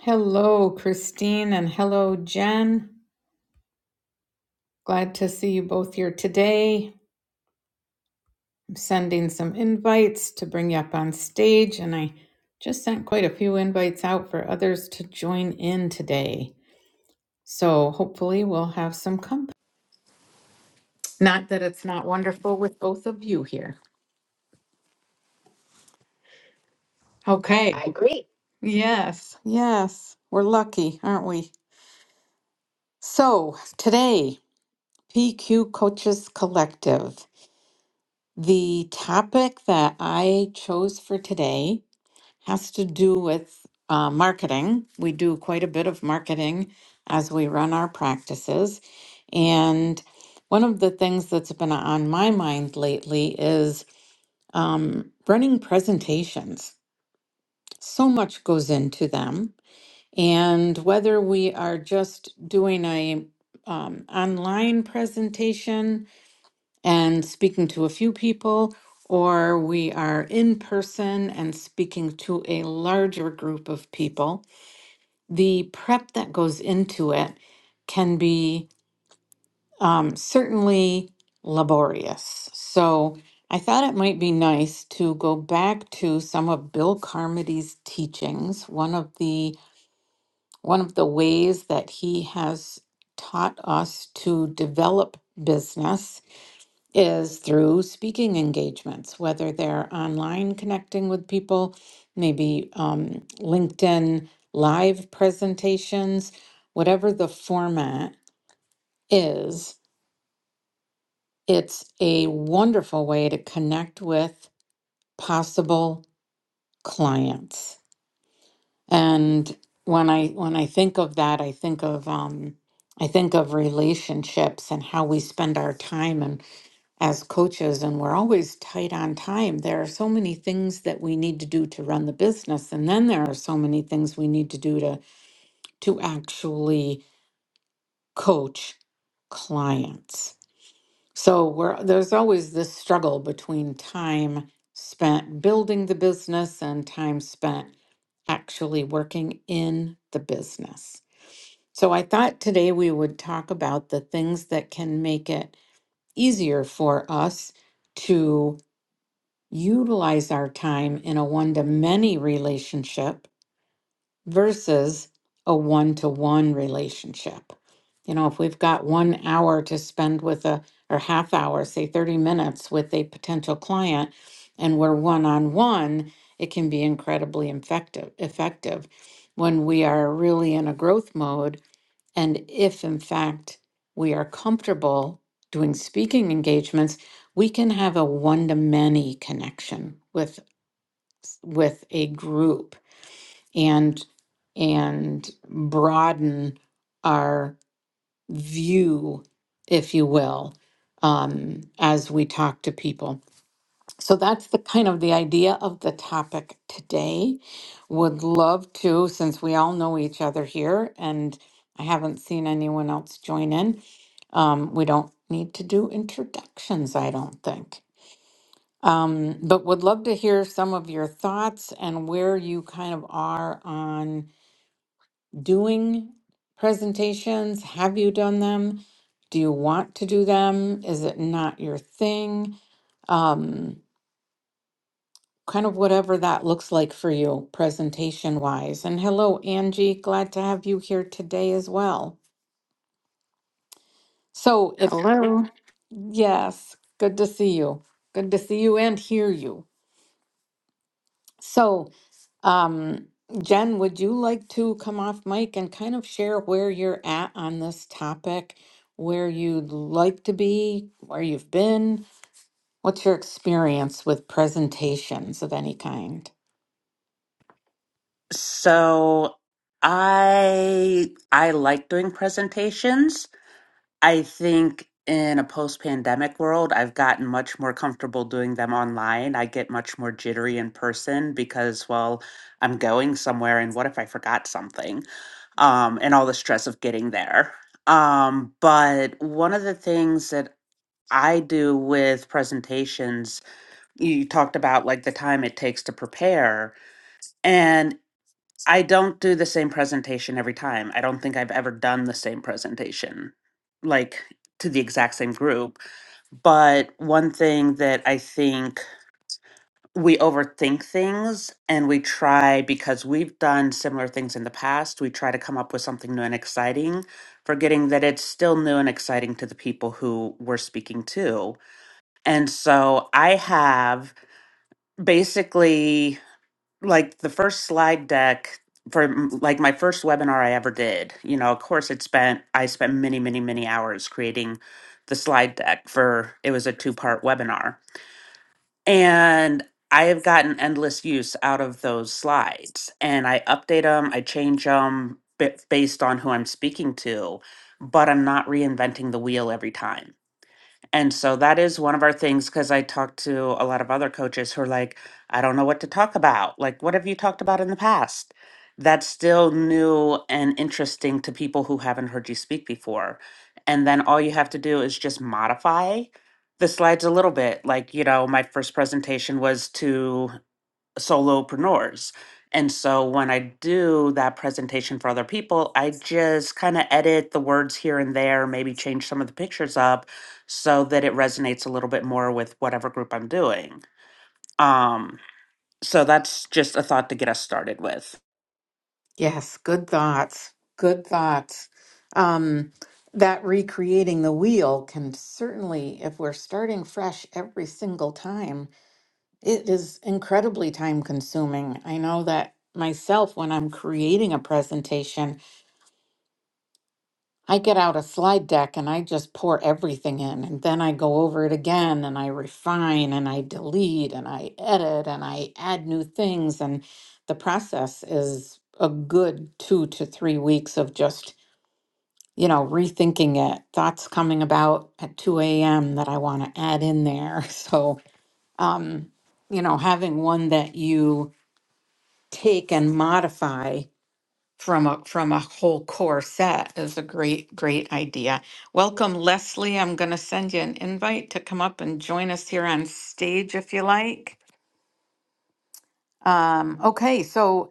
Hello, Christine, and hello, Jen. Glad to see you both here today. I'm sending some invites to bring you up on stage, and I just sent quite a few invites out for others to join in today. So hopefully, we'll have some company. Not that it's not wonderful with both of you here. Okay. I Yes, yes. We're lucky, aren't we? So today, PQ Coaches Collective. The topic that I chose for today has to do with uh, marketing. We do quite a bit of marketing as we run our practices. And one of the things that's been on my mind lately is um, running presentations. So much goes into them. And whether we are just doing a um, online presentation, and speaking to a few people, or we are in person and speaking to a larger group of people, the prep that goes into it can be um, certainly laborious. So I thought it might be nice to go back to some of Bill Carmody's teachings. One of the one of the ways that he has taught us to develop business is through speaking engagements, whether they're online connecting with people, maybe um, LinkedIn live presentations, whatever the format is, it's a wonderful way to connect with possible clients. And when I when I think of that, I think of um, I think of relationships and how we spend our time and. as coaches and we're always tight on time there are so many things that we need to do to run the business and then there are so many things we need to do to to actually coach clients so we're there's always this struggle between time spent building the business and time spent actually working in the business so i thought today we would talk about the things that can make it easier for us to utilize our time in a one to many relationship versus a one to one relationship. You know, if we've got one hour to spend with a, or half hour, say 30 minutes with a potential client, and we're one on one, it can be incredibly effective. Effective when we are really in a growth mode and if, in fact, we are comfortable doing speaking engagements, we can have a one-to-many connection with with a group and and broaden our view, if you will, um, as we talk to people. So that's the kind of the idea of the topic today. Would love to, since we all know each other here and I haven't seen anyone else join in. Um, we don't need to do introductions, I don't think. Um, but would love to hear some of your thoughts and where you kind of are on doing presentations. Have you done them? Do you want to do them? Is it not your thing? Um, kind of whatever that looks like for you, presentation wise. And hello, Angie. Glad to have you here today as well. So, if Hello. yes, good to see you. Good to see you and hear you. So, um, Jen, would you like to come off mic and kind of share where you're at on this topic, where you'd like to be, where you've been? What's your experience with presentations of any kind? So I I like doing presentations. I think in a post-pandemic world, I've gotten much more comfortable doing them online. I get much more jittery in person because, well, I'm going somewhere and what if I forgot something? Um, and all the stress of getting there. Um, but one of the things that I do with presentations, you talked about like the time it takes to prepare. and. I don't do the same presentation every time. I don't think I've ever done the same presentation, like to the exact same group. But one thing that I think we overthink things and we try because we've done similar things in the past, we try to come up with something new and exciting, forgetting that it's still new and exciting to the people who we're speaking to. And so I have basically like the first slide deck for m- like my first webinar I ever did, you know, of course it spent I spent many, many, many hours creating the slide deck for it was a two-part webinar. And I have gotten endless use out of those slides and I update them, I change them based on who I'm speaking to, but I'm not reinventing the wheel every time. And so that is one of our things because I talked to a lot of other coaches who are like, I don't know what to talk about. Like, what have you talked about in the past? That's still new and interesting to people who haven't heard you speak before. And then all you have to do is just modify the slides a little bit. Like, you know, my first presentation was to solopreneurs. And so when I do that presentation for other people, I just kind of edit the words here and there, maybe change some of the pictures up so that it resonates a little bit more with whatever group I'm doing. Um, so that's just a thought to get us started with. Yes, good thoughts. Good thoughts. Um, that recreating the wheel can certainly, if we're starting fresh every single time, it is incredibly time consuming. I know that myself, when I'm creating a presentation, I get out a slide deck and I just pour everything in, and then I go over it again and I refine and I delete and I edit and I add new things. And the process is a good two to three weeks of just you know, rethinking it, thoughts coming about at 2 a.m. that I want to add in there. So, um, you know, having one that you take and modify from a from a whole core set is a great great idea. Welcome Leslie, I'm going to send you an invite to come up and join us here on stage if you like. Um okay, so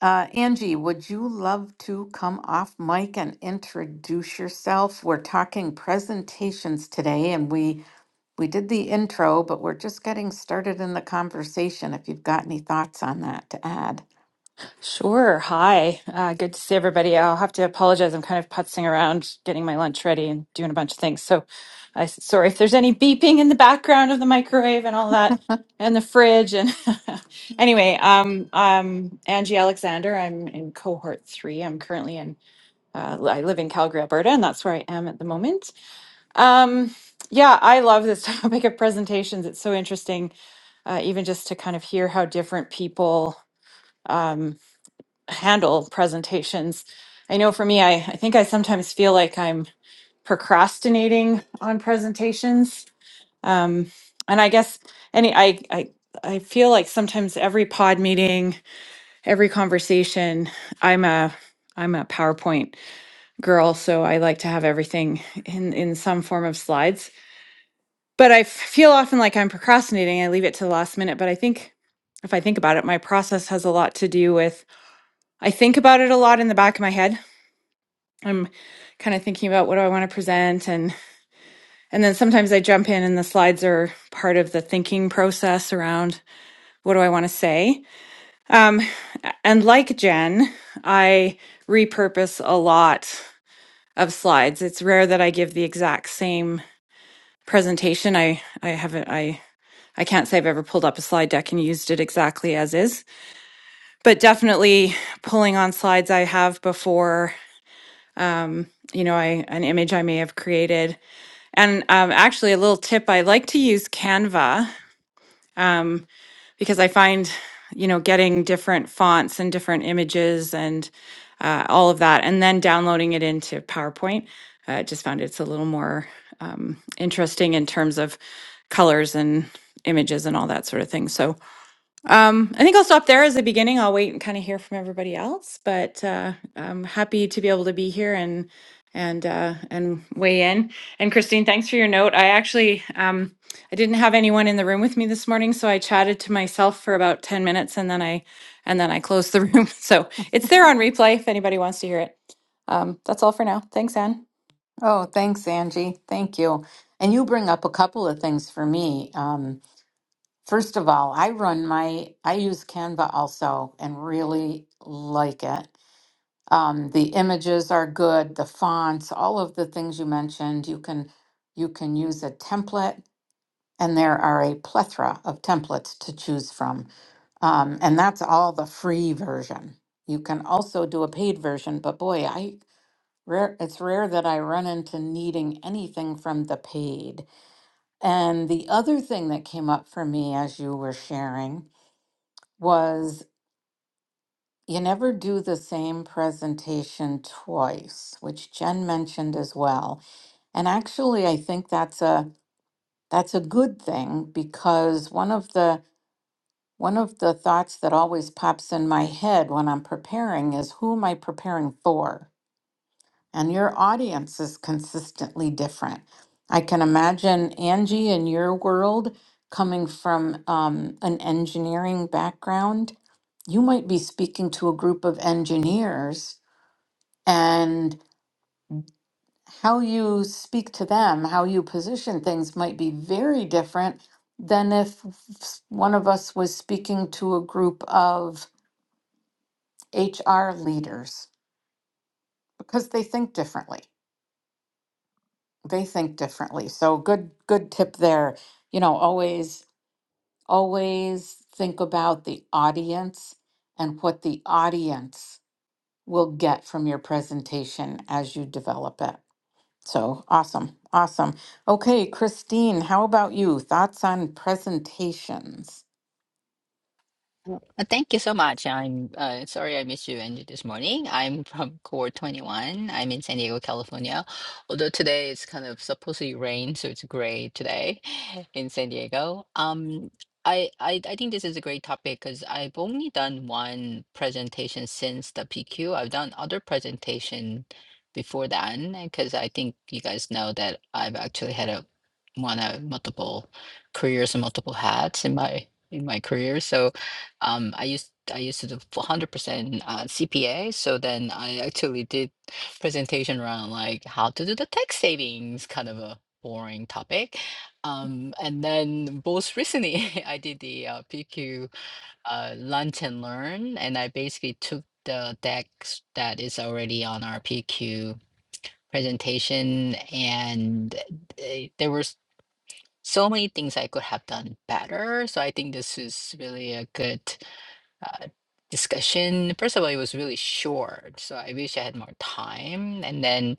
Uh, Angie, would you love to come off mic and introduce yourself? We're talking presentations today, and we we did the intro, but we're just getting started in the conversation. If you've got any thoughts on that to add. Sure. Hi. Uh, good to see everybody. I'll have to apologize. I'm kind of putzing around, getting my lunch ready, and doing a bunch of things. So, I sorry if there's any beeping in the background of the microwave and all that, and the fridge. And anyway, um, I'm Angie Alexander. I'm in cohort three. I'm currently in. Uh, I live in Calgary, Alberta, and that's where I am at the moment. Um, yeah, I love this topic of presentations. It's so interesting, uh, even just to kind of hear how different people. um, handle presentations. I know for me, I, I think I sometimes feel like I'm procrastinating on presentations. Um, and I guess any, I, I, I feel like sometimes every pod meeting, every conversation, I'm a, I'm a PowerPoint girl, so I like to have everything in, in some form of slides. But I f- feel often like I'm procrastinating. I leave it to the last minute. But I think if I think about it, my process has a lot to do with I think about it a lot in the back of my head I'm kind of thinking about what do I want to present and and then sometimes I jump in and the slides are part of the thinking process around what do I want to say. And like Jen, I repurpose a lot of slides. It's rare that I give the exact same presentation. I I haven't I I can't say I've ever pulled up a slide deck and used it exactly as is, but definitely pulling on slides I have before, you know, I an image I may have created And um, actually, a little tip I like to use Canva um, because I find, you know, getting different fonts and different images and uh, all of that, and then downloading it into PowerPoint. uh, I just found it's a little more um, interesting in terms of colors and images and all that sort of thing. So, um, I think I'll stop there as a beginning. I'll wait and kind of hear from everybody else, but uh, I'm happy to be able to be here and and uh, and weigh in. And Christine, thanks for your note. I actually um, I didn't have anyone in the room with me this morning, so I chatted to myself for about ten minutes, and then I and then I closed the room. So it's there on replay if anybody wants to hear it. Um, that's all for now. Thanks, Anne. Oh, thanks, Angie. Thank you. And you bring up a couple of things for me. Um, first of all, I run my, I use Canva also and really like it. Um, the images are good, the fonts, all of the things you mentioned. You can you can use a template, and there are a plethora of templates to choose from. Um, and that's all the free version. You can also do a paid version, but boy, I rare it's rare that I run into needing anything from the paid. And the other thing that came up for me as you were sharing was You never do the same presentation twice, which Jen mentioned as well. And actually, I think that's a that's a good thing because one of the one of the thoughts that always pops in my head when I'm preparing is who am I preparing for? And your audience is consistently different. I can imagine Angie in your world coming from um, an engineering background. You might be speaking to a group of engineers And how you speak to them, how you position things might be very different than if s- one of us was speaking to a group of HR leaders because they think differently. They think differently. So good good tip there. You know, always always think about the audience and what the audience will get from your presentation as you develop it. So awesome. Awesome. Okay, Christine, how about you? Thoughts on presentations? Oh, Uh, Thank you so much. I'm uh, sorry I missed you and this morning. I'm from Core 21. I'm in San Diego, California. Although today it's kind of supposedly rain, so it's gray today in San Diego. Um, I, I I think this is a great topic because I've only done one presentation since the PQ. I've done other presentation before that because I think you guys know that I've actually had a one a multiple careers and multiple hats in my in my career. So um, I used I used to do 100% uh, CPA, so then I actually did presentation around like how to do the tax savings, kind of a boring topic. Um, and then most recently, I did the uh, PQ uh, Lunch and Learn, and I basically took the deck that is already on our PQ presentation, and they, there were s- so many things I could have done better. So I think this is really a good uh, discussion. First of all, it was really short, so I wish I had more time. And then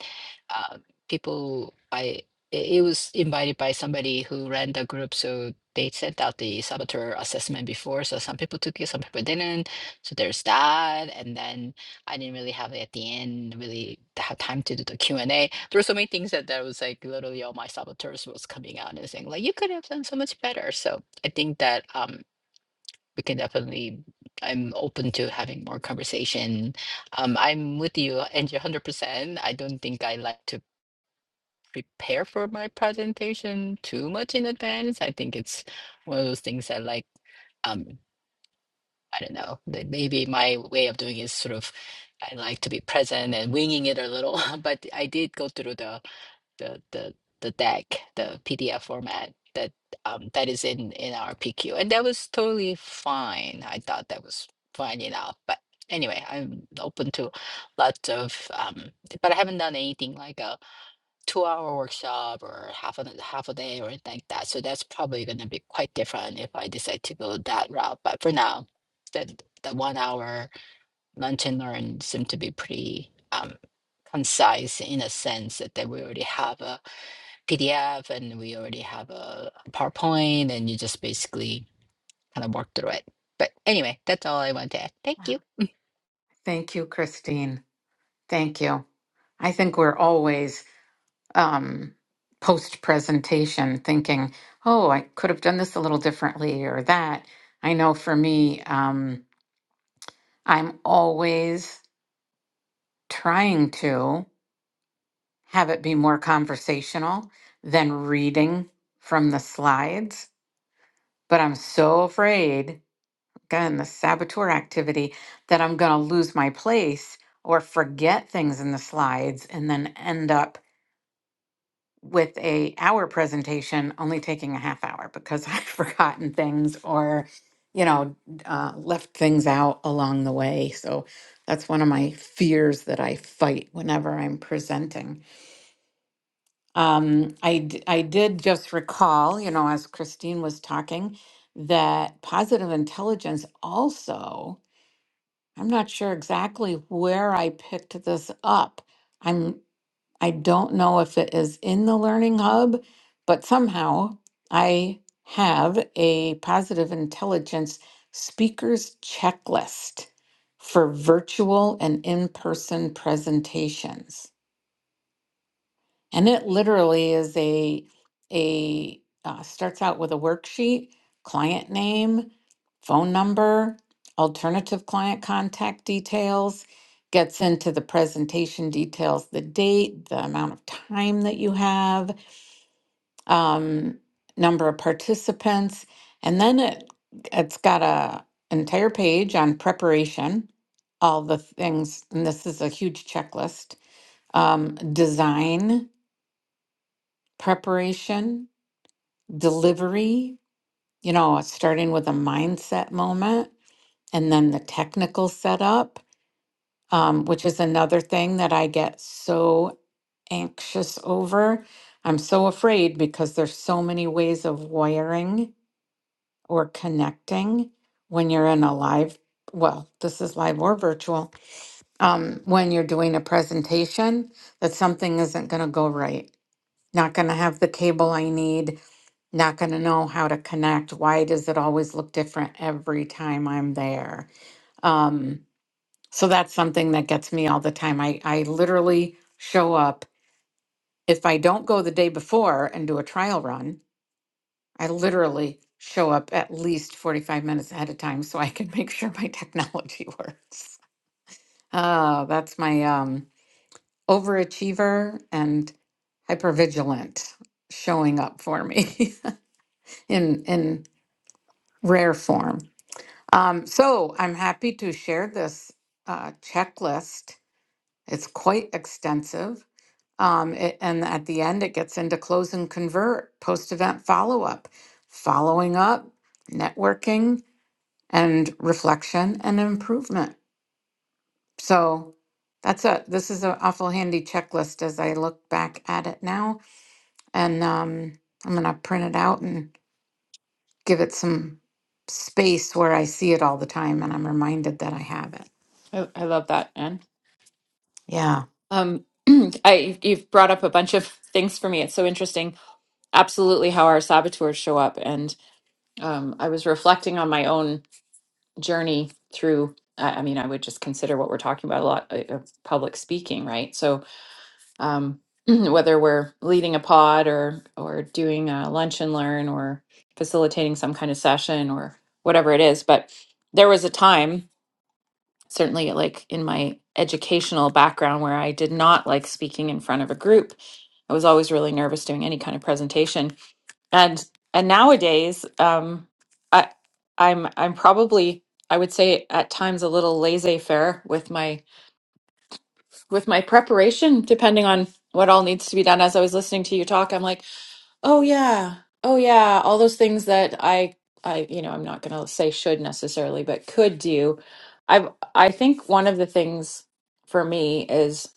uh, people, I it it was invited by somebody who ran the group, so they sent out the saboteur assessment before. So some people took it, some people didn't. So there's that. And then I didn't really have it at the end, really to have time to do the Q and A. There were so many things that that was like literally all my saboteurs was coming out and saying like you could have done so much better. So I think that um we can definitely i'm open to having more conversation um i'm with you Angie, 100% i don't think i like to prepare for my presentation too much in advance i think it's one of those things i like um i don't know that maybe my way of doing is sort of i like to be present and winging it a little but i did go through the the the the deck, the PDF format that um that is in in our PQ, and that was totally fine. I thought that was fine enough, but anyway, I'm open to lots of um, but I haven't done anything like a two-hour workshop or half a half a day or anything like that. So that's probably going to be quite different if I decide to go that route. But for now, the the one-hour lunch and learn seem to be pretty um concise in a sense that, that we already have a PDF and we already have a PowerPoint and you just basically kind of work through it. But anyway, that's all I want to add. Thank you. Thank you, Christine. Thank you. I think we're always um, post presentation thinking, oh, I could have done this a little differently or that. I know for me, um, I'm always trying to have it be more conversational than reading from the slides. But I'm so afraid, again, the saboteur activity, that I'm going to lose my place or forget things in the slides and then end up with a hour presentation only taking a half hour because I've forgotten things or, you know, uh, left things out along the way. So that's one of my fears that I fight whenever I'm presenting. Um, I, d- I did just recall, you know, as Christine was talking, that positive intelligence also, I'm not sure exactly where I picked this up. I'm, I don't know if it is in the Learning Hub, but somehow I have a positive intelligence speakers checklist for virtual and in person presentations. And it literally is a a uh, starts out with a worksheet, client name, phone number, alternative client contact details, gets into the presentation details, the date, the amount of time that you have, um, number of participants, and then it it's got a entire page on preparation, all the things, and this is a huge checklist, um, design preparation, delivery, you know, starting with a mindset moment and then the technical setup, um, which is another thing that I get so anxious over. I'm so afraid because there's so many ways of wiring or connecting when you're in a live, well, this is live or virtual, um, when you're doing a presentation that something isn't going to go right, not going to have the cable I need, not going to know how to connect. Why does it always look different every time I'm there? Um, so that's something that gets me all the time. I, I literally show up. If I don't go the day before and do a trial run, I literally show up at least 45 minutes ahead of time so I can make sure my technology works. Uh, that's my um, overachiever and hypervigilant showing up for me in in rare form. Um, so I'm happy to share this uh, checklist. It's quite extensive. Um, it- and at the end, it gets into close and convert, post event follow up, following up, networking, and reflection and improvement. So that's a this is an awful handy checklist as I look back at it now. And um, I'm gonna print it out and give it some space where I see it all the time and I'm reminded that I have it. I, I love that, Anne. Yeah. Um, I you've brought up a bunch of things for me. It's so interesting absolutely how our saboteurs show up. And um, I was reflecting on my own journey through, I, I mean, I would just consider what we're talking about a lot uh, uh, public speaking, right? So, um, whether we're leading a pod or or doing a lunch and learn or facilitating some kind of session or whatever it is but there was a time certainly like in my educational background where i did not like speaking in front of a group i was always really nervous doing any kind of presentation and and nowadays um i i'm i'm probably i would say at times a little laissez-faire with my with my preparation depending on what all needs to be done as i was listening to you talk i'm like oh yeah oh yeah all those things that i i you know i'm not going to say should necessarily but could do i've i think one of the things for me is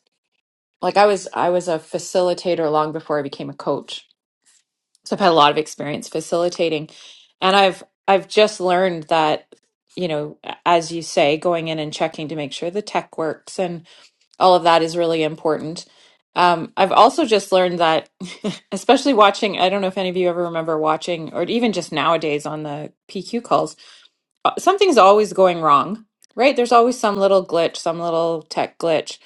like i was i was a facilitator long before i became a coach So I've had a lot of experience facilitating, and I've I've just learned that you know, as you say, going in and checking to make sure the tech works and all of that is really important. Um, I've also just learned that, especially watching. I don't know if any of you ever remember watching, or even just nowadays on the PQ calls uh, something's always going wrong, right? There's always some little glitch, some little tech glitch.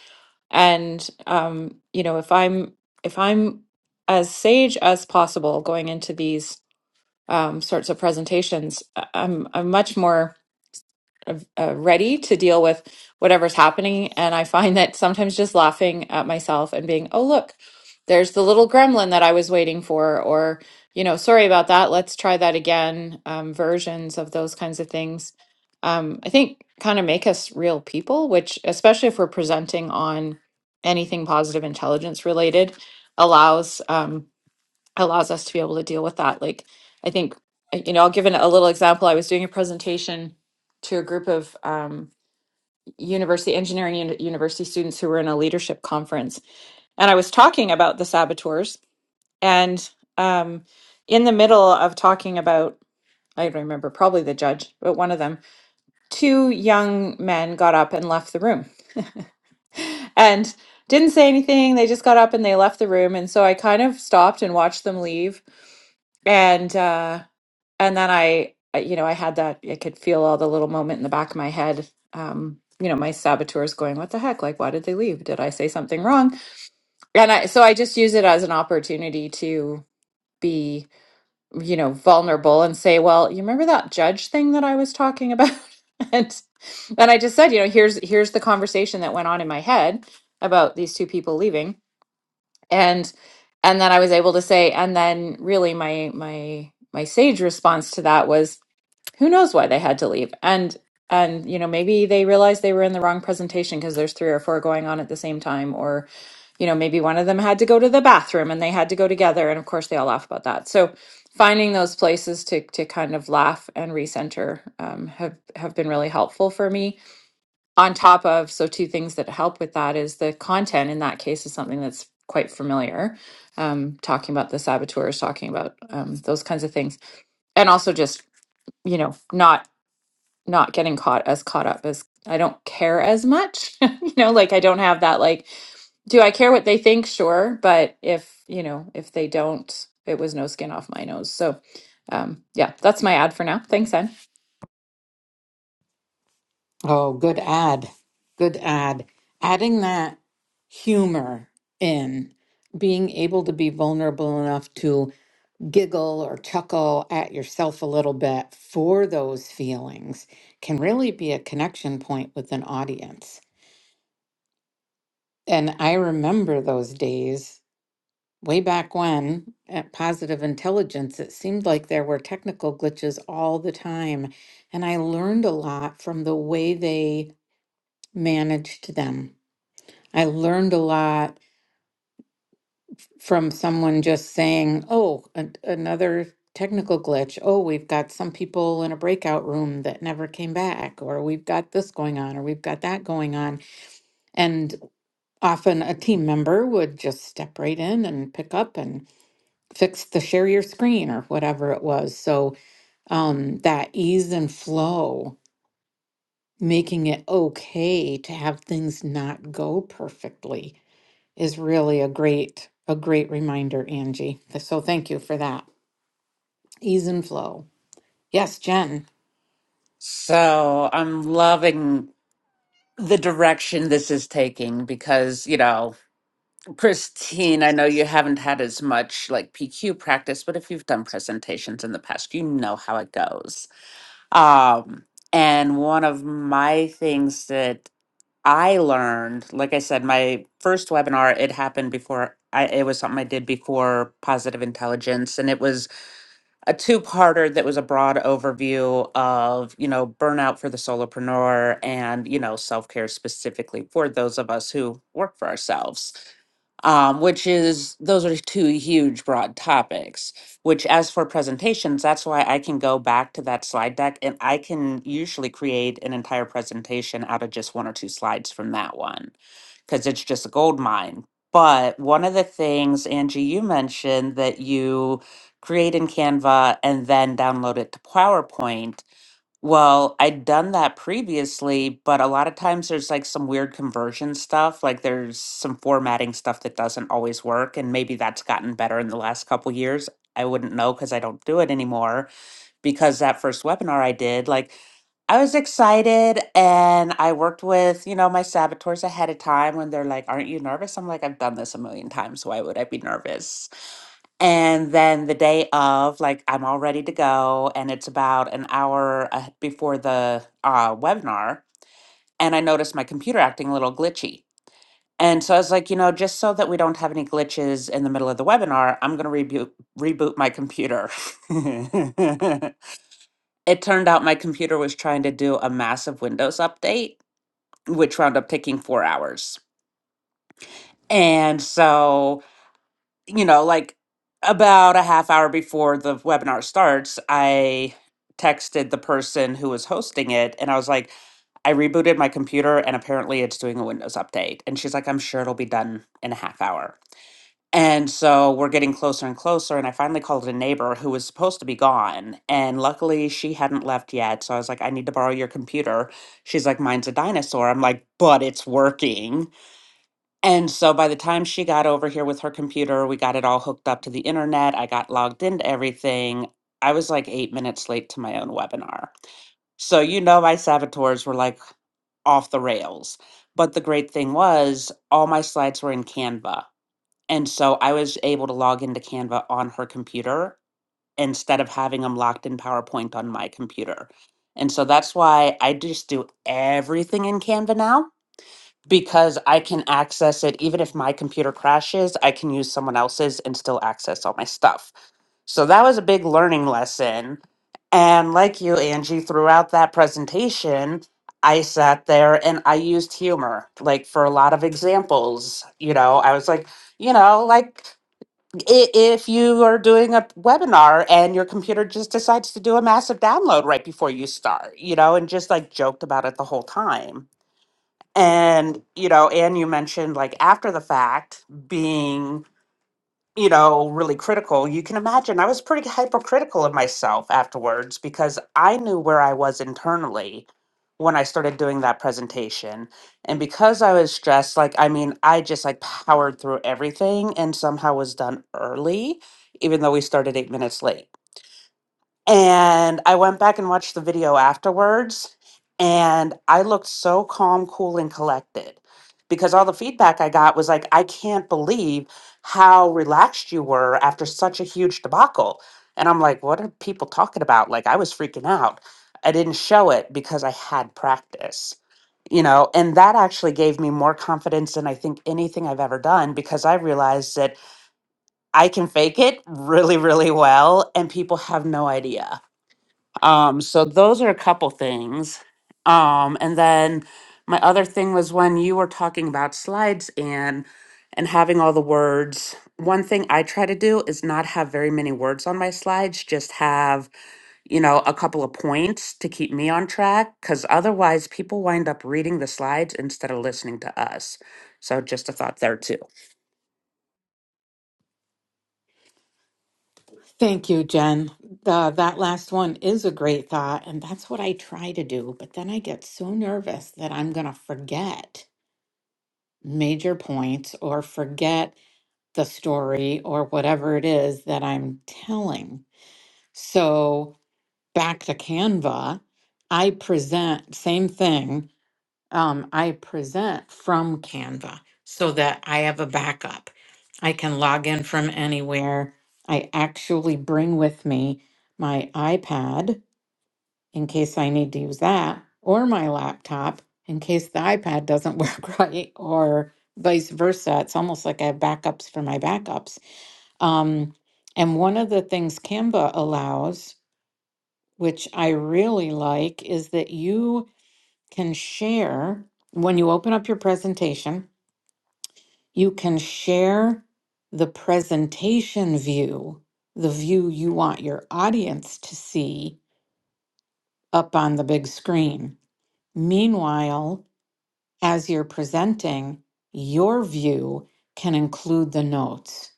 And um, you know, if I'm if I'm as sage as possible going into these um, sorts of presentations, I- I'm I'm much more of- uh, ready to deal with whatever's happening. And I find that sometimes just laughing at myself and being, oh, look, there's the little gremlin that I was waiting for, or, you know, sorry about that. Let's try that again. Um, versions of those kinds of things, um, I think, kind of make us real people, which, especially if we're presenting on anything positive intelligence related, allows. Um, allows us to be able to deal with that. Like, I think, uh, you know, I'll give an, a little example. I was doing a presentation to a group of um, university engineering uni- university students who were in a leadership conference, and I was talking about the saboteurs. And um, in the middle of talking about, I don't remember, probably the judge, but one of them, two young men got up and left the room, and didn't say anything. They just got up and they left the room, and so I kind of stopped and watched them leave, and. uh, and then I, I- you know, I had that, I could feel all the little moment in the back of my head. Um, you know, my saboteurs going, what the heck? Like, why did they leave? Did I say something wrong? And I, so I just use it as an opportunity to be, you know, vulnerable and say, well, you remember that judge thing that I was talking about? and, and I just said, you know, here's, here's the conversation that went on in my head about these two people leaving. And, and then I was able to say, and then really my, my, my sage response to that was, who knows why they had to leave and and you know maybe they realized they were in the wrong presentation because there's three or four going on at the same time or you know maybe one of them had to go to the bathroom and they had to go together and of course they all laugh about that so finding those places to to kind of laugh and recenter um, have have been really helpful for me on top of so two things that help with that is the content in that case is something that's quite familiar um, talking about the saboteurs talking about um, those kinds of things and also just you know not not getting caught as caught up as I don't care as much. you know, like I don't have that like do I care what they think? Sure, but if, you know, if they don't, it was no skin off my nose. So, um yeah, that's my ad for now. Thanks, Anne. Oh, good ad. Good ad. Adding that humor in, being able to be vulnerable enough to giggle or chuckle at yourself a little bit for those feelings can really be a connection point with an audience. And I remember those days way back when at Positive Intelligence, it seemed like there were technical glitches all the time. And I learned a lot from the way they managed them I learned a lot from someone just saying, oh, an- another technical glitch. Oh, we've got some people in a breakout room that never came back, or we've got this going on, or we've got that going on. And often a team member would just step right in and pick up and fix the share your screen or whatever it was. So um, that ease and flow, making it okay to have things not go perfectly is really a great a great reminder, Angie. So thank you for that. Ease and flow. Yes, Jen. So I'm loving the direction this is taking because, you know, Christine, I know you haven't had as much like PQ practice, but if you've done presentations in the past, you know how it goes Um, and one of my things that I learned, like I said, my first webinar, it happened before I, it was something I did before positive intelligence. And it was a two-parter that was a broad overview of you know burnout for the solopreneur and you know self-care specifically for those of us who work for ourselves um, which is those are two huge broad topics which as for presentations that's why i can go back to that slide deck and i can usually create an entire presentation out of just one or two slides from that one because it's just a gold mine but one of the things angie you mentioned that you create in Canva, and then download it to PowerPoint. Well, I'd done that previously, but a lot of times there's like some weird conversion stuff, like there's some formatting stuff that doesn't always work, and maybe that's gotten better in the last couple years. I wouldn't know because I don't do it anymore. Because that first webinar I did, like I was excited and I worked with, you know, my saboteurs ahead of time when they're like, Aren't you nervous? I'm like, I've done this a million times. Why would I be nervous? And then the day of, like, I'm all ready to go, and it's about an hour uh, before the uh, webinar, and I noticed my computer acting a little glitchy. And so I was like, you know, just so that we don't have any glitches in the middle of the webinar, I'm going to reboot reboot my computer. it turned out my computer was trying to do a massive Windows update, which wound up taking four hours. And so you know, like about a half hour before the webinar starts, I texted the person who was hosting it and I was like, I rebooted my computer and apparently it's doing a Windows update. And she's like, I'm sure it'll be done in a half hour. And so we're getting closer and closer. And I finally called a neighbor who was supposed to be gone. And luckily she hadn't left yet. So I was like, I need to borrow your computer. She's like, Mine's a dinosaur. I'm like, but it's working. And so by the time she got over here with her computer, we got it all hooked up to the internet. I got logged into everything. I was like eight minutes late to my own webinar. So, you know, my saboteurs were like off the rails. But the great thing was, all my slides were in Canva. And so I was able to log into Canva on her computer instead of having them locked in PowerPoint on my computer. And so that's why I just do everything in Canva now because I can access it even if my computer crashes, I can use someone else's and still access all my stuff. So that was a big learning lesson. And like you, Angie, throughout that presentation, I sat there and I used humor, like for a lot of examples. You know, I was like, you know, like i- if you are doing a webinar and your computer just decides to do a massive download right before you start, you know, and just like joked about it the whole time and, you know, and you mentioned like after the fact being, you know, really critical. You can imagine I was pretty hypercritical of myself afterwards because I knew where I was internally when I started doing that presentation. And because I was stressed, like, I mean, I just like powered through everything and somehow was done early, even though we started eight minutes late. And I went back and watched the video afterwards, and I looked so calm, cool, and collected because all the feedback I got was like, I can't believe how relaxed you were after such a huge debacle. And I'm like, what are people talking about? Like, I was freaking out. I didn't show it because I had practice, you know, and that actually gave me more confidence than I think anything I've ever done because I realized that I can fake it really, really well, and people have no idea um, so those are a couple things. Um, and then my other thing was when you were talking about slides and and having all the words. One thing I try to do is not have very many words on my slides, just have, you know, a couple of points to keep me on track cuz otherwise people wind up reading the slides instead of listening to us. So just a thought there too. Thank you, Jen. The, that last one is a great thought, and that's what I try to do. But then I get so nervous that I'm going to forget major points or forget the story or whatever it is that I'm telling. So back to Canva, I present same thing um, I present from Canva so that I have a backup. I can log in from anywhere. I actually bring with me my iPad in case I need to use that, or my laptop in case the iPad doesn't work right, or vice versa. It's almost like I have backups for my backups. Um, and one of the things Canva allows, which I really like, is that you can share, when you open up your presentation, you can share the presentation view, the view you want your audience to see up on the big screen. Meanwhile, as you're presenting, your view can include the notes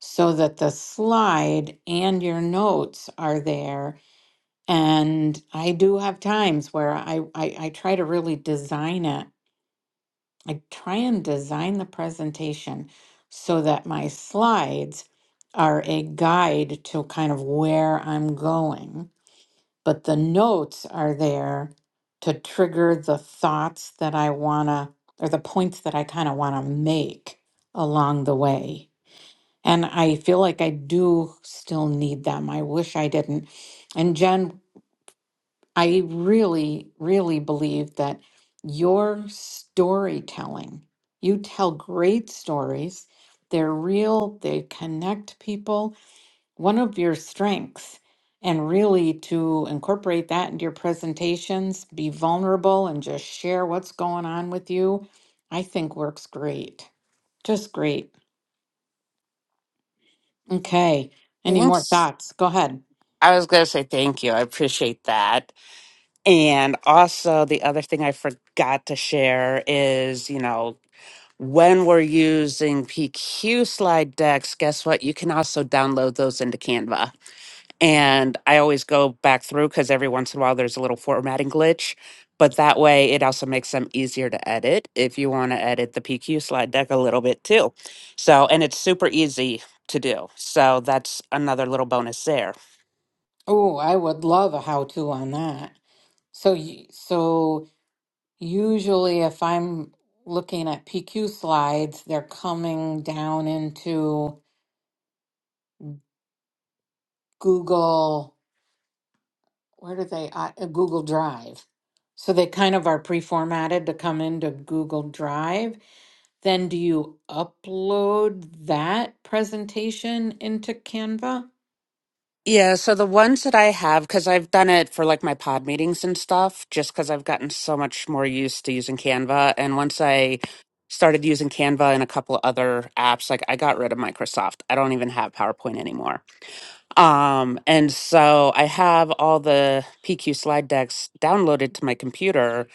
so that the slide and your notes are there. And I do have times where I, I, I try to really design it I try and design the presentation so that my slides are a guide to kind of where I'm going, but the notes are there to trigger the thoughts that I want to, or the points that I kind of want to make along the way. And I feel like I do still need them. I wish I didn't. And Jen I really, really believe that your storytelling, you tell great stories. They're real, they connect people. One of your strengths, and really to incorporate that into your presentations, be vulnerable and just share what's going on with you, I think works great. Just great. Okay. Any more Thanks. thoughts? Go ahead. I was going to say thank you. I appreciate that. And also, the other thing I forgot to share is, you know, when we're using PQ slide decks, guess what? You can also download those into Canva. And I always go back through because every once in a while there's a little formatting glitch. But that way, it also makes them easier to edit if you want to edit the PQ slide deck a little bit too. So, and it's super easy to do. So, that's another little bonus there. Oh, I would love a how to on that. So you so Usually, if I'm looking at PQ slides, they're coming down into Google, where do they, uh, uh, Google Drive. So they kind of are pre-formatted to come into Google Drive. Then do you upload that presentation into Canva? Yeah, so the ones that I have, because I've done it for like my pod meetings and stuff, just because I've gotten so much more used to using Canva. And once I started using Canva and a couple of other apps, like I got rid of Microsoft. I don't even have PowerPoint anymore. Um, and so I have all the PQ slide decks downloaded to my computer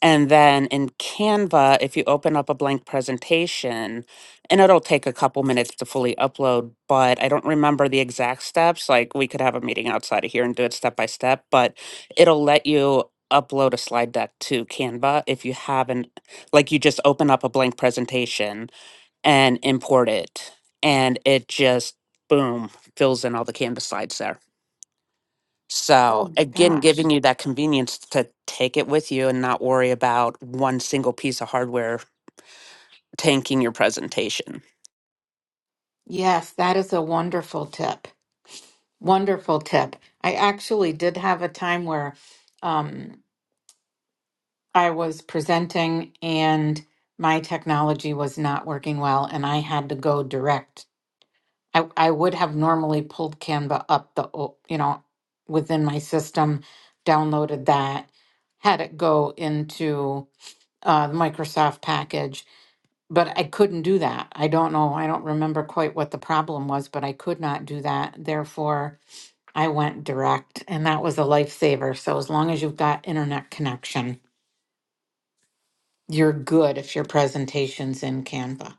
and then in Canva, if you open up a blank presentation, and it'll take a couple minutes to fully upload, but I don't remember the exact steps. Like we could have a meeting outside of here and do it step by step, but it'll let you upload a slide deck to Canva if you haven't, like you just open up a blank presentation and import it, and it just boom fills in all the Canva slides there. Oh So my again, gosh. giving you that convenience to take it with you and not worry about one single piece of hardware tanking your presentation. Yes, that is a wonderful tip. Wonderful tip. I actually did have a time where I was presenting and my technology was not working well and I had to go direct. I, I would have normally pulled Canva up the, o- you know, within my system, downloaded that, had it go into uh, the Microsoft package, but I couldn't do that. I don't know. I don't remember quite what the problem was, but I could not do that. Therefore, I went direct and that was a lifesaver. So as long as you've got internet connection you're good if your presentation's in Canva.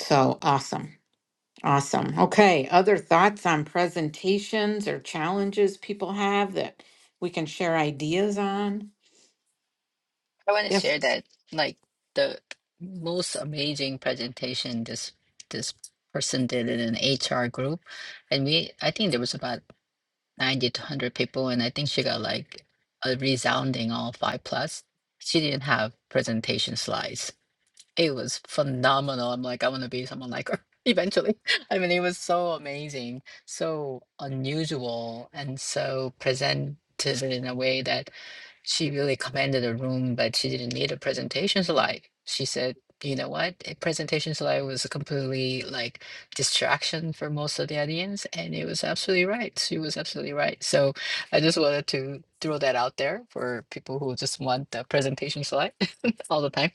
So awesome. Awesome. Okay. Other thoughts on presentations or challenges people have that we can share ideas on? I want to share Yes. that like the most amazing presentation this this person did in an HR group and we I think there was about 90 to 100 people and I think she got like a resounding all five plus. She didn't have presentation slides It was phenomenal. I'm like, I want to be someone like her eventually. I mean, it was so amazing, so unusual, and so presented in a way that she really commanded a room, but she didn't need a presentation slide. She said, you know what? A presentation slide was a completely like distraction for most of the audience. And it was absolutely right. She was absolutely right. So I just wanted to throw that out there for people who just want the presentation slide all the time.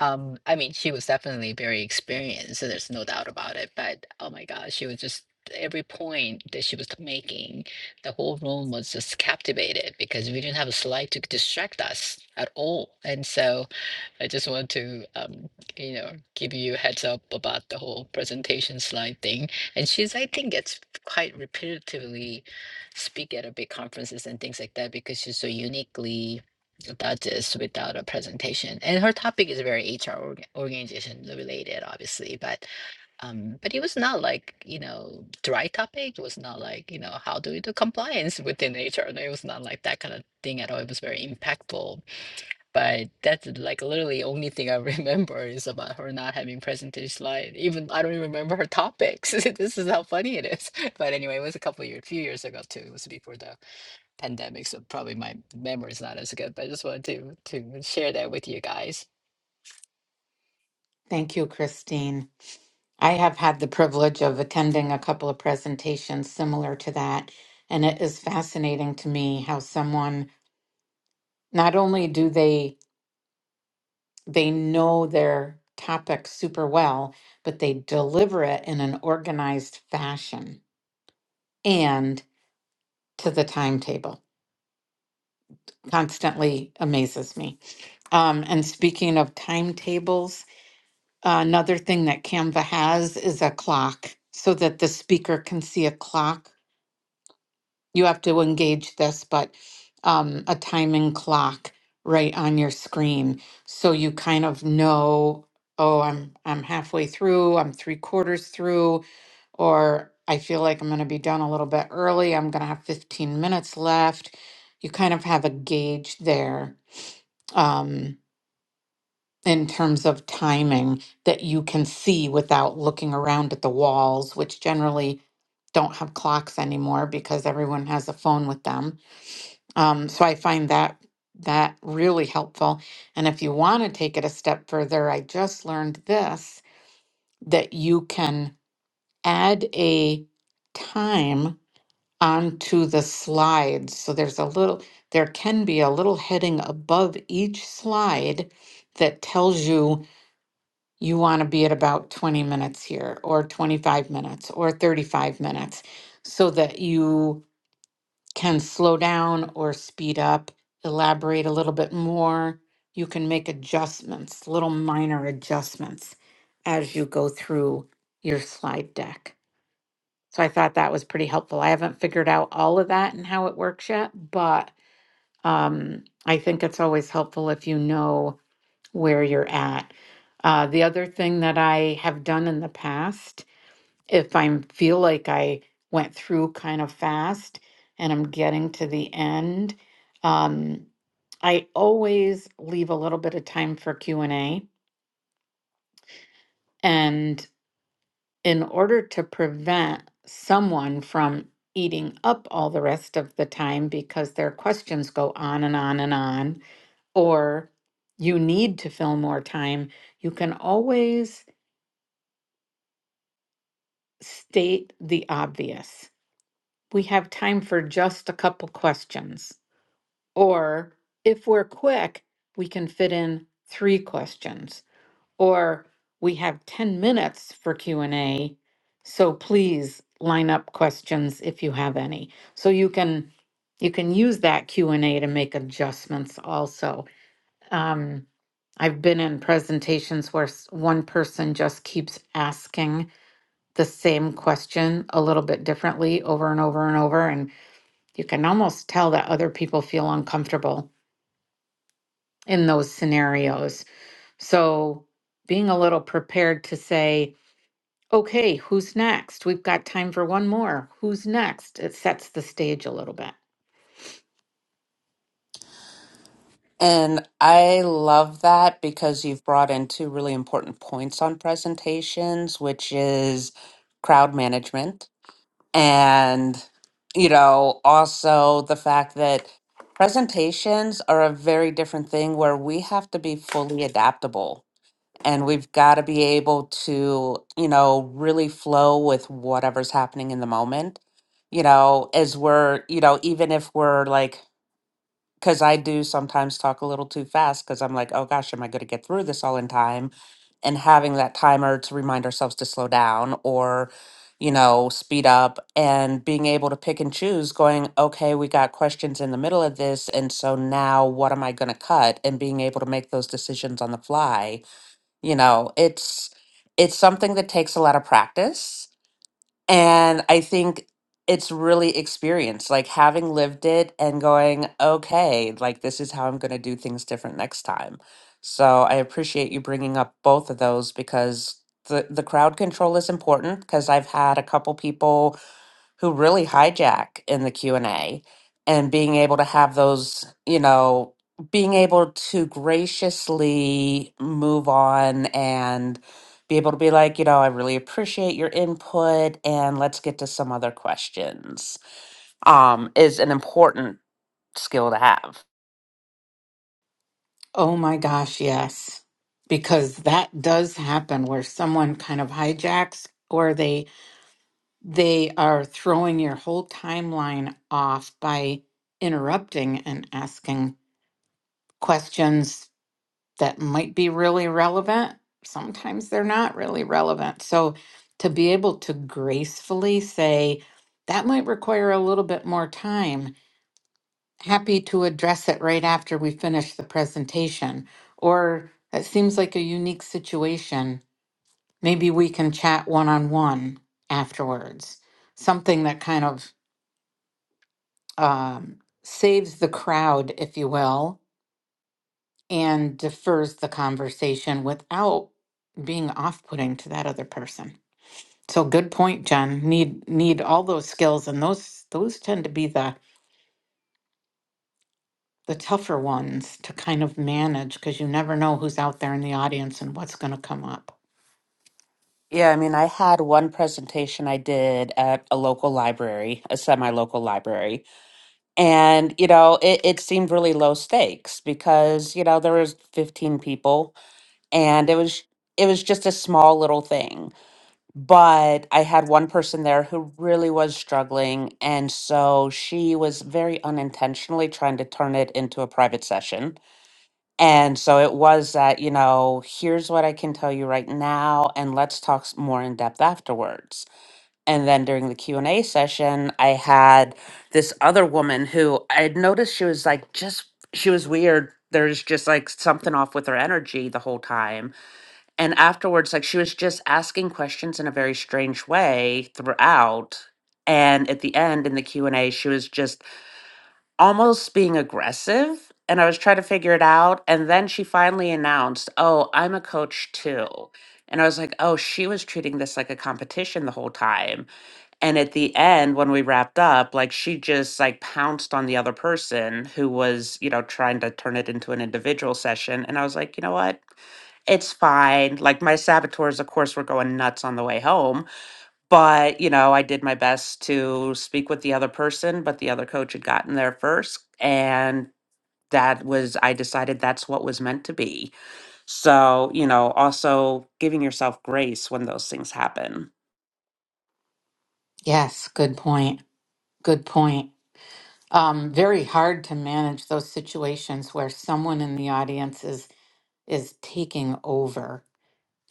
Um, I mean, she was definitely very experienced, so there's no doubt about it. But oh my gosh, she was just every point that she was making, the whole room was just captivated because we didn't have a slide to distract us at all. And so I just want to, um, you know, give you a heads up about the whole presentation slide thing. And she's, I think, gets quite repetitively speak at a big conferences and things like that because she's so uniquely does this without a presentation. And her topic is very HR org- organization related, obviously. But um, but it was not like you know dry topic. It was not like you know how do we do compliance within HR. No, It was not like that kind of thing at all. It was very impactful but that's like literally only thing I remember is about her not having presentation slide. Even I don't even remember her topics. This is how funny it is. But anyway, it was a couple years, few years ago too. It was before the pandemic, so probably my memory is not as good. But I just wanted to to share that with you guys. Thank you, Christine. I have had the privilege of attending a couple of presentations similar to that. And it is fascinating to me how someone not only do they they know their topic super well, but they deliver it in an organized fashion and to the timetable constantly amazes me. Um, and speaking of timetables, uh, another thing that Canva has is a clock so that the speaker can see a clock you have to engage this, but um, a timing clock right on your screen, so you kind of know, oh, I'm I'm halfway through, I'm three quarters through, or I feel like I'm going to be done a little bit early. I'm going to have 15 minutes left. You kind of have a gauge there um, in terms of timing that you can see without looking around at the walls, which generally don't have clocks anymore because everyone has a phone with them um, so I find that that really helpful. And if you want to take it a step further, I just learned this that you can add a time onto the slides. So there's a little, there can be a little heading above each slide that tells you you want to be at about 20 minutes here, or 25 minutes, or 35 minutes, so that you can slow down or speed up, elaborate a little bit more. You can make adjustments, little minor adjustments as you go through your slide deck. So I thought that was pretty helpful. I haven't figured out all of that and how it works yet, but um, I think it's always helpful if you know where you're at. Uh, the other thing that I have done in the past if I feel like I went through kind of fast and I'm getting to the end, um, I always leave a little bit of time for Q and A. And in order to prevent someone from eating up all the rest of the time because their questions go on and on and on, or you need to fill more time, you can always state the obvious. We have time for just a couple questions Or if we're quick, we can fit in three questions. Or we have 10 minutes for Q&A, so please line up questions if you have any. So you can you can use that Q&A to make adjustments also. Um, I've been in presentations where s- one person just keeps asking the same question a little bit differently over and over and over and you can almost tell that other people feel uncomfortable in those scenarios. So being a little prepared to say, okay, who's next? We've got time for one more. Who's next? It sets the stage a little bit. And I love that because you've brought in two really important points on presentations, which is crowd management and, you know, also the fact that presentations are a very different thing where we have to be fully adaptable and we've got to be able to you know really flow with whatever's happening in the moment you know as we're you know even if we're like because i do sometimes talk a little too fast because i'm like oh gosh am i going to get through this all in time and having that timer to remind ourselves to slow down or you know speed up and being able to pick and choose going okay we got questions in the middle of this and so now what am i going to cut and being able to make those decisions on the fly you know it's it's something that takes a lot of practice and i think it's really experience like having lived it and going okay like this is how i'm going to do things different next time so i appreciate you bringing up both of those because the the crowd control is important because i've had a couple people who really hijack in the Q&A and A, and being able to have those, you know, being able to graciously move on and be able to be like, you know, I really appreciate your input and let's get to some other questions. Um is an important skill to have. Oh my gosh, yes. Because that does happen where someone kind of hijacks or they they are throwing your whole timeline off by interrupting and asking questions that might be really relevant. Sometimes they're not really relevant. So to be able to gracefully say, that might require a little bit more time, happy to address it right after we finish the presentation. Or that seems like a unique situation. Maybe we can chat one on one afterwards. Something that kind of um, saves the crowd, if you will, and defers the conversation without being off-putting to that other person. So good point, Jen. Need need all those skills and those those tend to be the the tougher ones to kind of manage because you never know who's out there in the audience and what's going to come up. Yeah, I mean, I had one presentation I did at a local library, a semi-local library, And, you know, it, it seemed really low stakes because, you know, there was 15 people and it was it was just a small little thing. But I had one person there who really was struggling. And so she was very unintentionally trying to turn it into a private session. And so it was that, you know, here's what I can tell you right now, and let's talk s- more in depth afterwards and then during the q&a session i had this other woman who i had noticed she was like just she was weird there's just like something off with her energy the whole time and afterwards like she was just asking questions in a very strange way throughout and at the end in the q&a she was just almost being aggressive and i was trying to figure it out and then she finally announced oh i'm a coach too and i was like oh she was treating this like a competition the whole time and at the end, when we wrapped up, like she just like pounced on the other person who was, you know, trying to turn it into an individual session. And I was like, you know what? It's fine. Like my saboteurs, of course, were going nuts on the way home. But, you know, I did my best to speak with the other person, but the other coach had gotten there first. And that was, I decided that's what was meant to be. So, you know, also giving yourself grace when those things happen. Yes, good point. Good point. Um, very hard to manage those situations where someone in the audience is is taking over.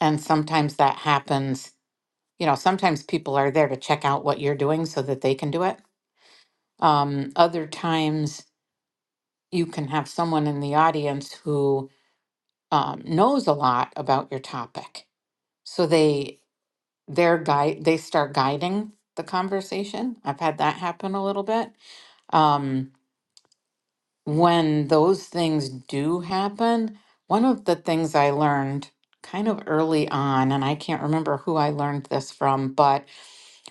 And sometimes that happens you know, sometimes people are there to check out what you're doing so that they can do it. Um, other times you can have someone in the audience who um, knows a lot about your topic. So they their guide they start guiding the conversation. I've had that happen a little bit. Um, when those things do happen, one of the things I learned kind of early on, and I can't remember who I learned this from, but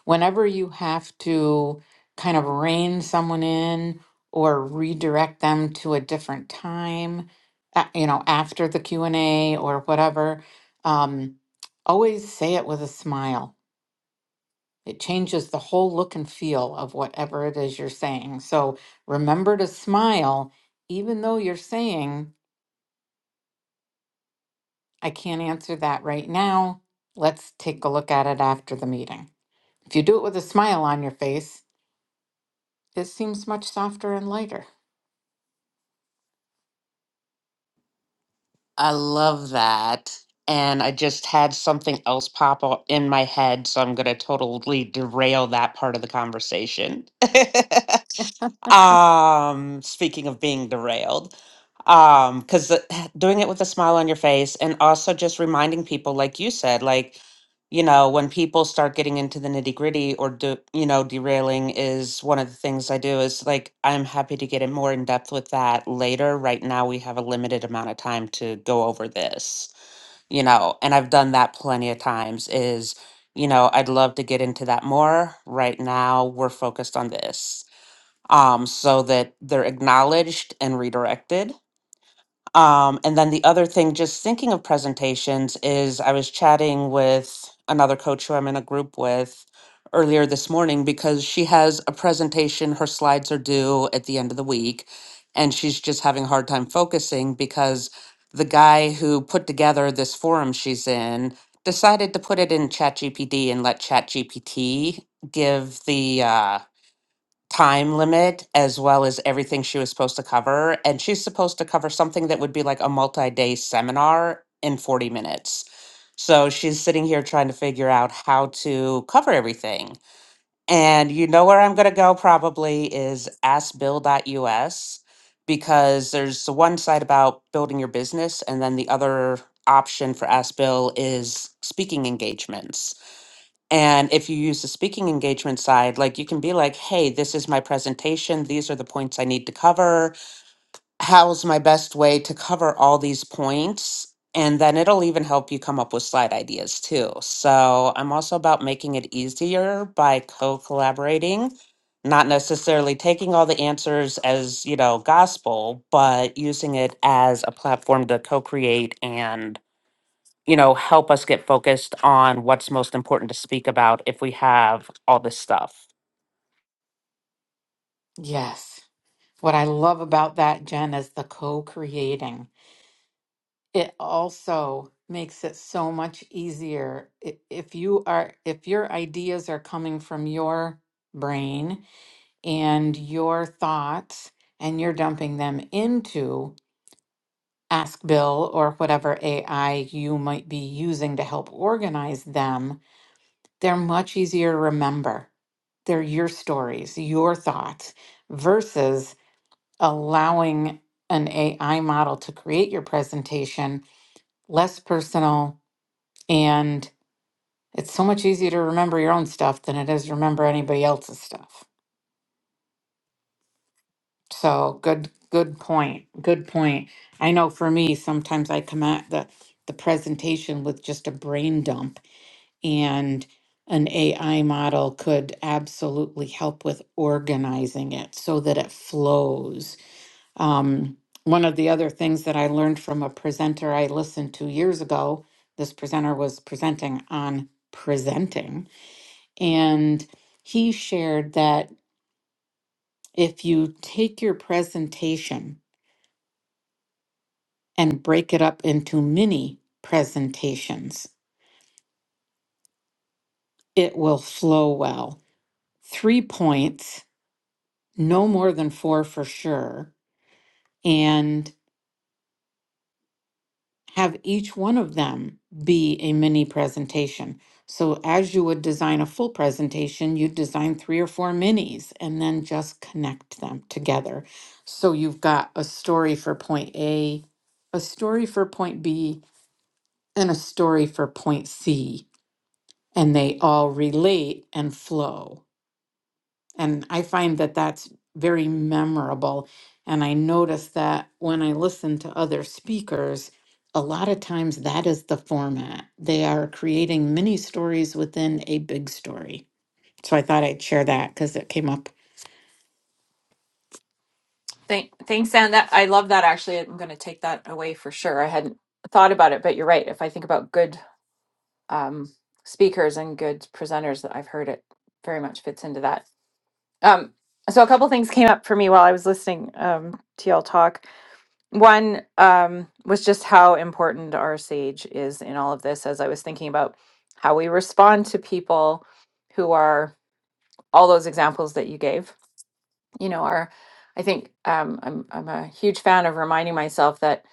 whenever you have to kind of rein someone in or redirect them to a different time, a- you know, after the Q&A or whatever, um, always say it with a smile it changes the whole look and feel of whatever it is you're saying. So remember to smile, even though you're saying, I can't answer that right now. Let's take a look at it after the meeting. If you do it with a smile on your face, it seems much softer and lighter. I love that. And I just had something else pop up in my head, so I'm going to totally derail that part of the conversation. um speaking of being derailed um because doing it with a smile on your face and also just reminding people like you said like you know when people start getting into the nitty gritty or do you know derailing is one of the things i do is like i'm happy to get in more in depth with that later right now we have a limited amount of time to go over this you know and i've done that plenty of times is you know i'd love to get into that more right now we're focused on this um, so that they're acknowledged and redirected. Um, and then the other thing, just thinking of presentations, is I was chatting with another coach who I'm in a group with earlier this morning because she has a presentation. Her slides are due at the end of the week, and she's just having a hard time focusing because the guy who put together this forum she's in decided to put it in ChatGPT and let ChatGPT give the uh, time limit as well as everything she was supposed to cover. And she's supposed to cover something that would be like a multi day seminar in 40 minutes. So she's sitting here trying to figure out how to cover everything. And you know where I'm going to go probably is askbill.us because there's the one side about building your business, and then the other option for Ask Bill is speaking engagements. And if you use the speaking engagement side, like you can be like, hey, this is my presentation. These are the points I need to cover. How's my best way to cover all these points? And then it'll even help you come up with slide ideas too. So I'm also about making it easier by co collaborating, not necessarily taking all the answers as, you know, gospel, but using it as a platform to co create and you know, help us get focused on what's most important to speak about if we have all this stuff. Yes. What I love about that, Jen, is the co creating. It also makes it so much easier i- if you are if your ideas are coming from your brain and your thoughts and you're dumping them into Ask Bill or whatever AI you might be using to help organize them, they're much easier to remember. They're your stories, your thoughts, versus allowing an AI model to create your presentation less personal. And it's so much easier to remember your own stuff than it is to remember anybody else's stuff. So good, good point. Good point. I know for me, sometimes I come at the the presentation with just a brain dump, and an AI model could absolutely help with organizing it so that it flows. Um, one of the other things that I learned from a presenter I listened to years ago, this presenter was presenting on presenting, and he shared that if you take your presentation and break it up into mini presentations. It will flow well. Three points, no more than four for sure, and have each one of them be a mini presentation. So, as you would design a full presentation, you design three or four minis and then just connect them together. So, you've got a story for point A, a story for point B, and a story for point C and they all relate and flow. And I find that that's very memorable. And I notice that when I listen to other speakers, a lot of times that is the format. They are creating mini stories within a big story. So I thought I'd share that because it came up. Thank, thanks, Anne. That I love that. Actually, I'm going to take that away for sure. I hadn't thought about it, but you're right. If I think about good um, speakers and good presenters that I've heard, it very much fits into that. Um, so a couple things came up for me while I was listening um, to y'all talk. One um, was just how important our sage is in all of this, as I was thinking about how we respond to people who are all those examples that you gave. You know, are I think um, I'm I'm a huge fan of reminding myself that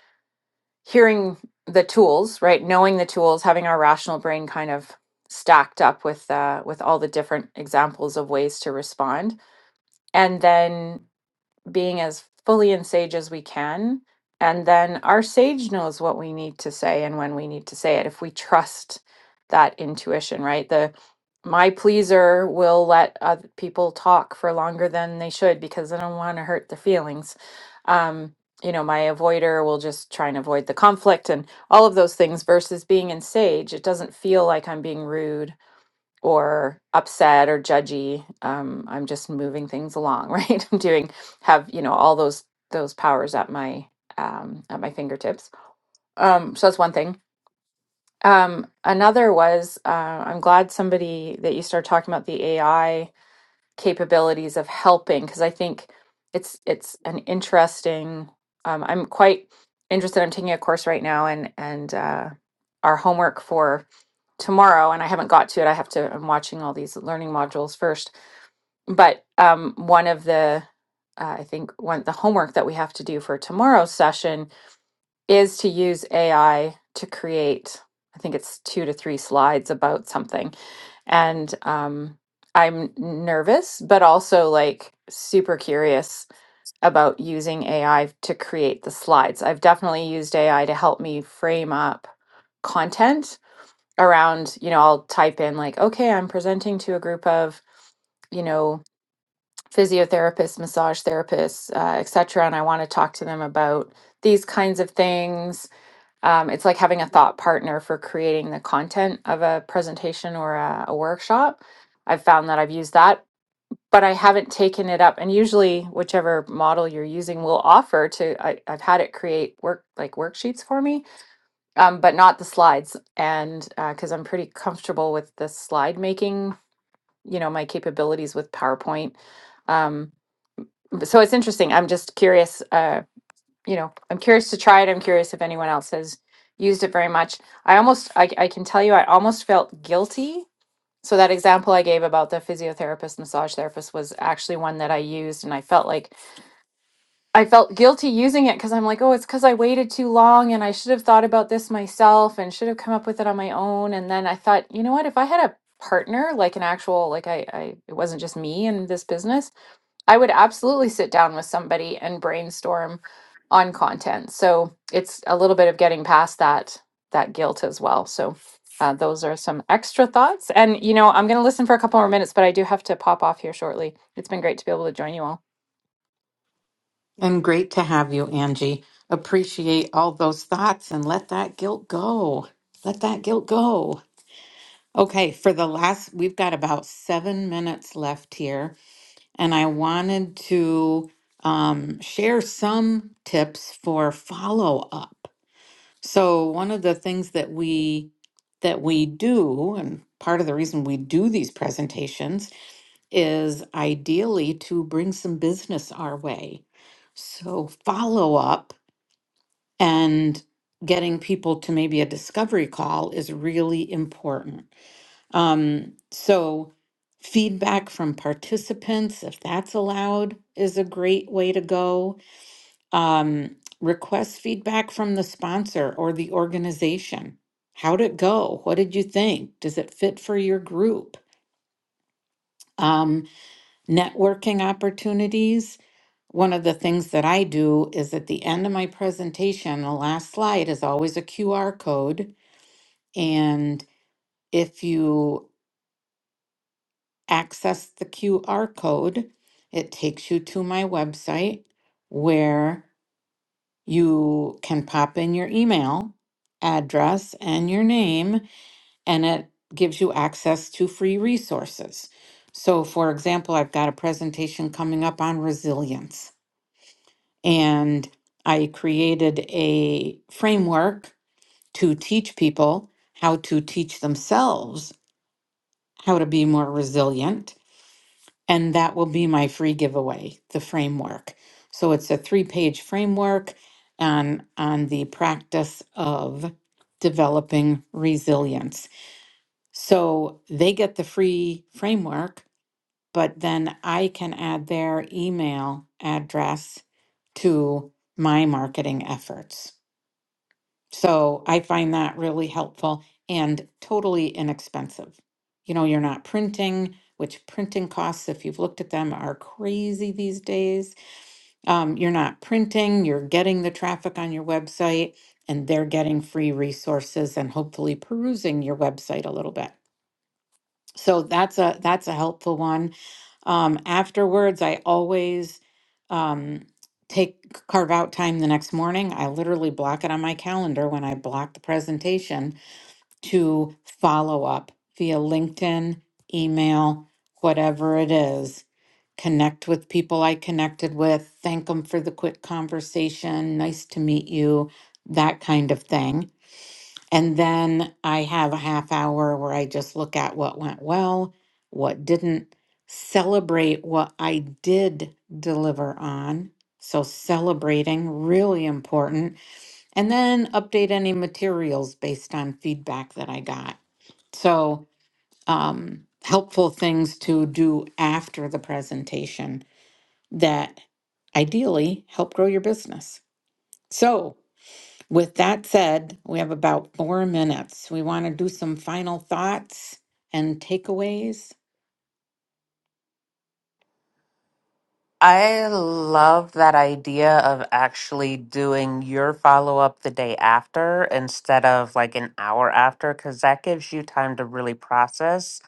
hearing the tools, right, knowing the tools, having our rational brain kind of stacked up with uh, with all the different examples of ways to respond, and then being as fully in sage as we can. And then our sage knows what we need to say and when we need to say it if we trust that intuition, right? The my pleaser will let other people talk for longer than they should because I don't want to hurt their feelings. Um, you know, my avoider will just try and avoid the conflict and all of those things versus being in sage. It doesn't feel like I'm being rude or upset or judgy um i'm just moving things along right i'm doing have you know all those those powers at my um at my fingertips um so that's one thing um another was uh, i'm glad somebody that you started talking about the ai capabilities of helping because I think it's it's an interesting. Um, I'm quite interested. I'm taking a course right now, and and uh, our homework for tomorrow, and I haven't got to it. I have to. I'm watching all these learning modules first, but um, one of the uh, I think one the homework that we have to do for tomorrow's session is to use AI to create, I think it's two to three slides about something. And um, I'm nervous, but also like super curious about using AI to create the slides. I've definitely used AI to help me frame up content around, you know, I'll type in like, okay, I'm presenting to a group of you know physiotherapists massage therapists uh, etc and i want to talk to them about these kinds of things um, it's like having a thought partner for creating the content of a presentation or a, a workshop. I've found that I've used that, but I haven't taken it up. And usually, whichever model you're using will offer to. I, I've had it create work like worksheets for me, um, but not the slides. And because I'm pretty comfortable with the slide making, you know, my capabilities with PowerPoint. Um, but- so it's interesting. I'm just curious. Uh, you know, I'm curious to try it. I'm curious if anyone else has used it very much. I almost, I, I can tell you, I almost felt guilty. So that example I gave about the physiotherapist, massage therapist was actually one that I used, and I felt like I felt guilty using it because I'm like, oh, it's because I waited too long, and I should have thought about this myself, and should have come up with it on my own. And then I thought, you know what, if I had a partner, like an actual, like I, I, it wasn't just me in this business I would absolutely sit down with somebody and brainstorm on content. So it's a little bit of getting past that that guilt as well. So uh, those are some extra thoughts. And you know, I'm going to listen for a couple more minutes, but I do have to pop off here shortly. It's been great to be able to join you all. And great to have you, Angie. Appreciate all those thoughts and let that guilt go. Let that guilt go. Okay, for the last, we've got about seven minutes left here. and I wanted to um, share some tips for follow up. So one of the things that we that we do, and part of the reason we do these presentations is ideally to bring some business our way. So follow up and getting people to maybe a discovery call is really important. Um, so, feedback from participants, if that's allowed, is a great way to go. Um, request feedback from the sponsor or the organization. How'd it go? What did you think? Does it fit for your group? Um, networking opportunities. One of the things that I do is at the end of my presentation, the last slide is always a QR code. And if you access the QR code, it takes you to my website where you can pop in your email address and your name, and it gives you access to free resources. So, for example, I've got a presentation coming up on resilience, and I created a framework to teach people how to teach themselves how to be more resilient And that will be my free giveaway, the framework. So it's a three page framework on, on the practice of developing resilience. So they get the free framework, but then I can add their email address to my marketing efforts. So I find that really helpful and totally inexpensive. You know, you're not printing, which printing costs, if you've looked at them, are crazy these days. Um, you're not printing, you're getting the traffic on your website, and they're getting free resources and hopefully perusing your website a little bit so that's a that's a helpful one um afterwards i always um take carve out time the next morning i literally block it on my calendar when i block the presentation to follow up via linkedin email whatever it is connect with people i connected with thank them for the quick conversation nice to meet you that kind of thing and then I have a half hour where I just look at what went well, what didn't, celebrate what I did deliver on. So, celebrating, really important. And then update any materials based on feedback that I got. So, um, helpful things to do after the presentation that ideally help grow your business. So, with that said, we have about four minutes. We want to do some final thoughts and takeaways. I love that idea of actually doing your follow up the day after instead of like an hour after, because that gives you time to really process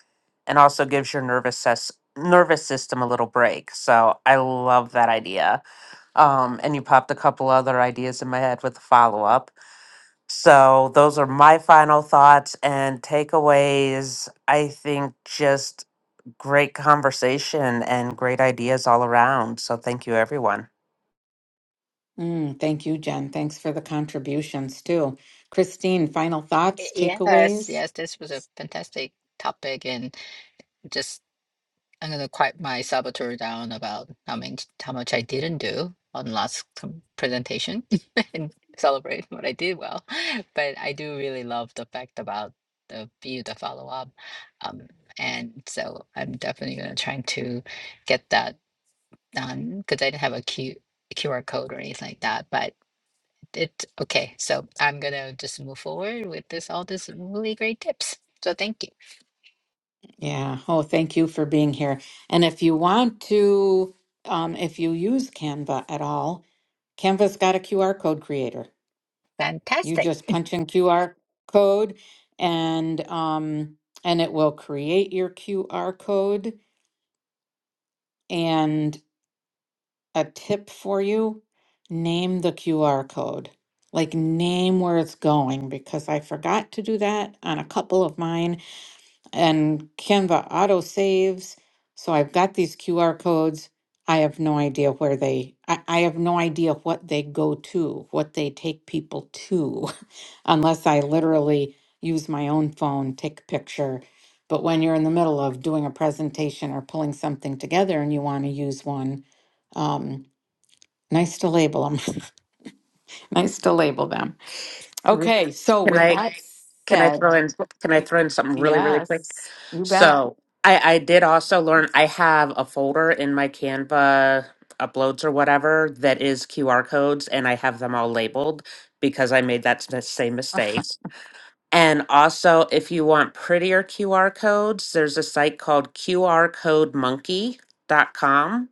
and also gives your nervous ses- nervous system a little break. So I love that idea. Um, and you popped a couple other ideas in my head with the follow up. So those are my final thoughts and takeaways. I think just great conversation and great ideas all around. So thank you, everyone. Mm, thank you, Jen. Thanks for the contributions too. Christine, final Y- thoughts, Yes, takeaways? yes, this was a fantastic topic and just I'm gonna quiet my saboteur down about how much how much I didn't do on last com- presentation and celebrate what I did well. But I do really love the fact about the view, the follow up, um, and so I'm definitely gonna try to get that done because I didn't have a Q QR code or anything like that. But it's okay. So I'm gonna just move forward with this all these really great tips. So thank you. Yeah. Oh, thank you for being here. And if you want to, um, if you use Canva at all, Canva's got a QR code creator. You Fantastic. just punch in QR code and um, and it will create your QR code. And a tip for you name the QR code. Like, name where it's going because I forgot to do that on a couple of mine. And Canva auto saves. So I've got these QR codes. I have no idea where they, I, I have no idea what they go to, what they take people to, unless I literally use my own phone, take a picture. But when you're in the middle of doing a presentation or pulling something together and you want to use one, um, Nice to label them. Nice to label them. Mhm. Okay, so Can with I that can I said, throw in can I y- throw in something really really quick? yes, you bet. So I I did also learn I have a folder in my Canva uploads or whatever that is QR codes and I have them all labeled because I made that s- same mistake. And also, if you want prettier QR codes, there's a site called Q R Code Monkey dot com,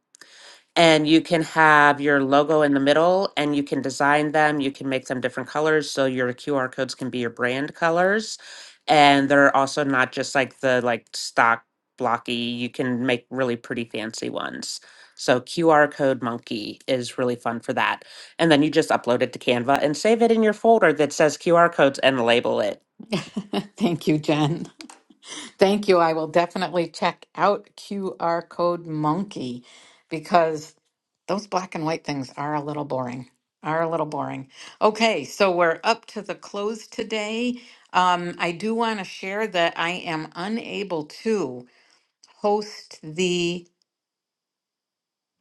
And you can have your logo in the middle and you can design them. You can make them different colors. So your QR codes can be your brand colors. And they're also not just like the like stock blocky. You can make really pretty fancy ones. So QR code monkey is really fun for that. And then you just upload it to Canva and save it in your folder that says QR codes and label it. Thank you, Jen. Thank you. I will definitely check out QR Code Monkey because those black and white things are a little boring. Are a little boring. Okay, so we're up to the close today. Um, I do want to share that I am unable to host the.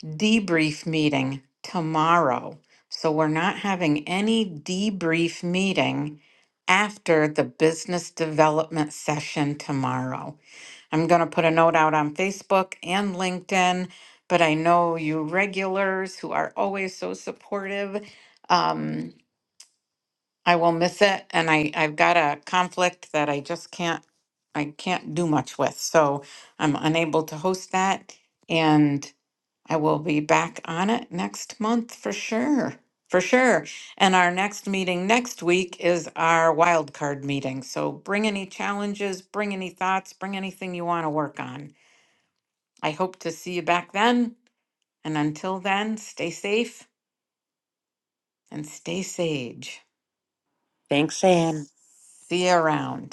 debrief meeting tomorrow. So we're not having any debrief meeting after the business development session tomorrow. I'm going to put a note out on Facebook and LinkedIn, but I know you regulars who are always so supportive. Um, I will miss it, and I, I've got a conflict that I just can't I can't do much with, so I'm unable to host that. And I will be back on it next month for sure. For sure. And our next meeting next week is our wild card meeting. So bring any challenges, bring any thoughts, bring anything you want to work on. I hope to see you back then. And until then, stay safe and stay sage. Thanks, Anne. See you around.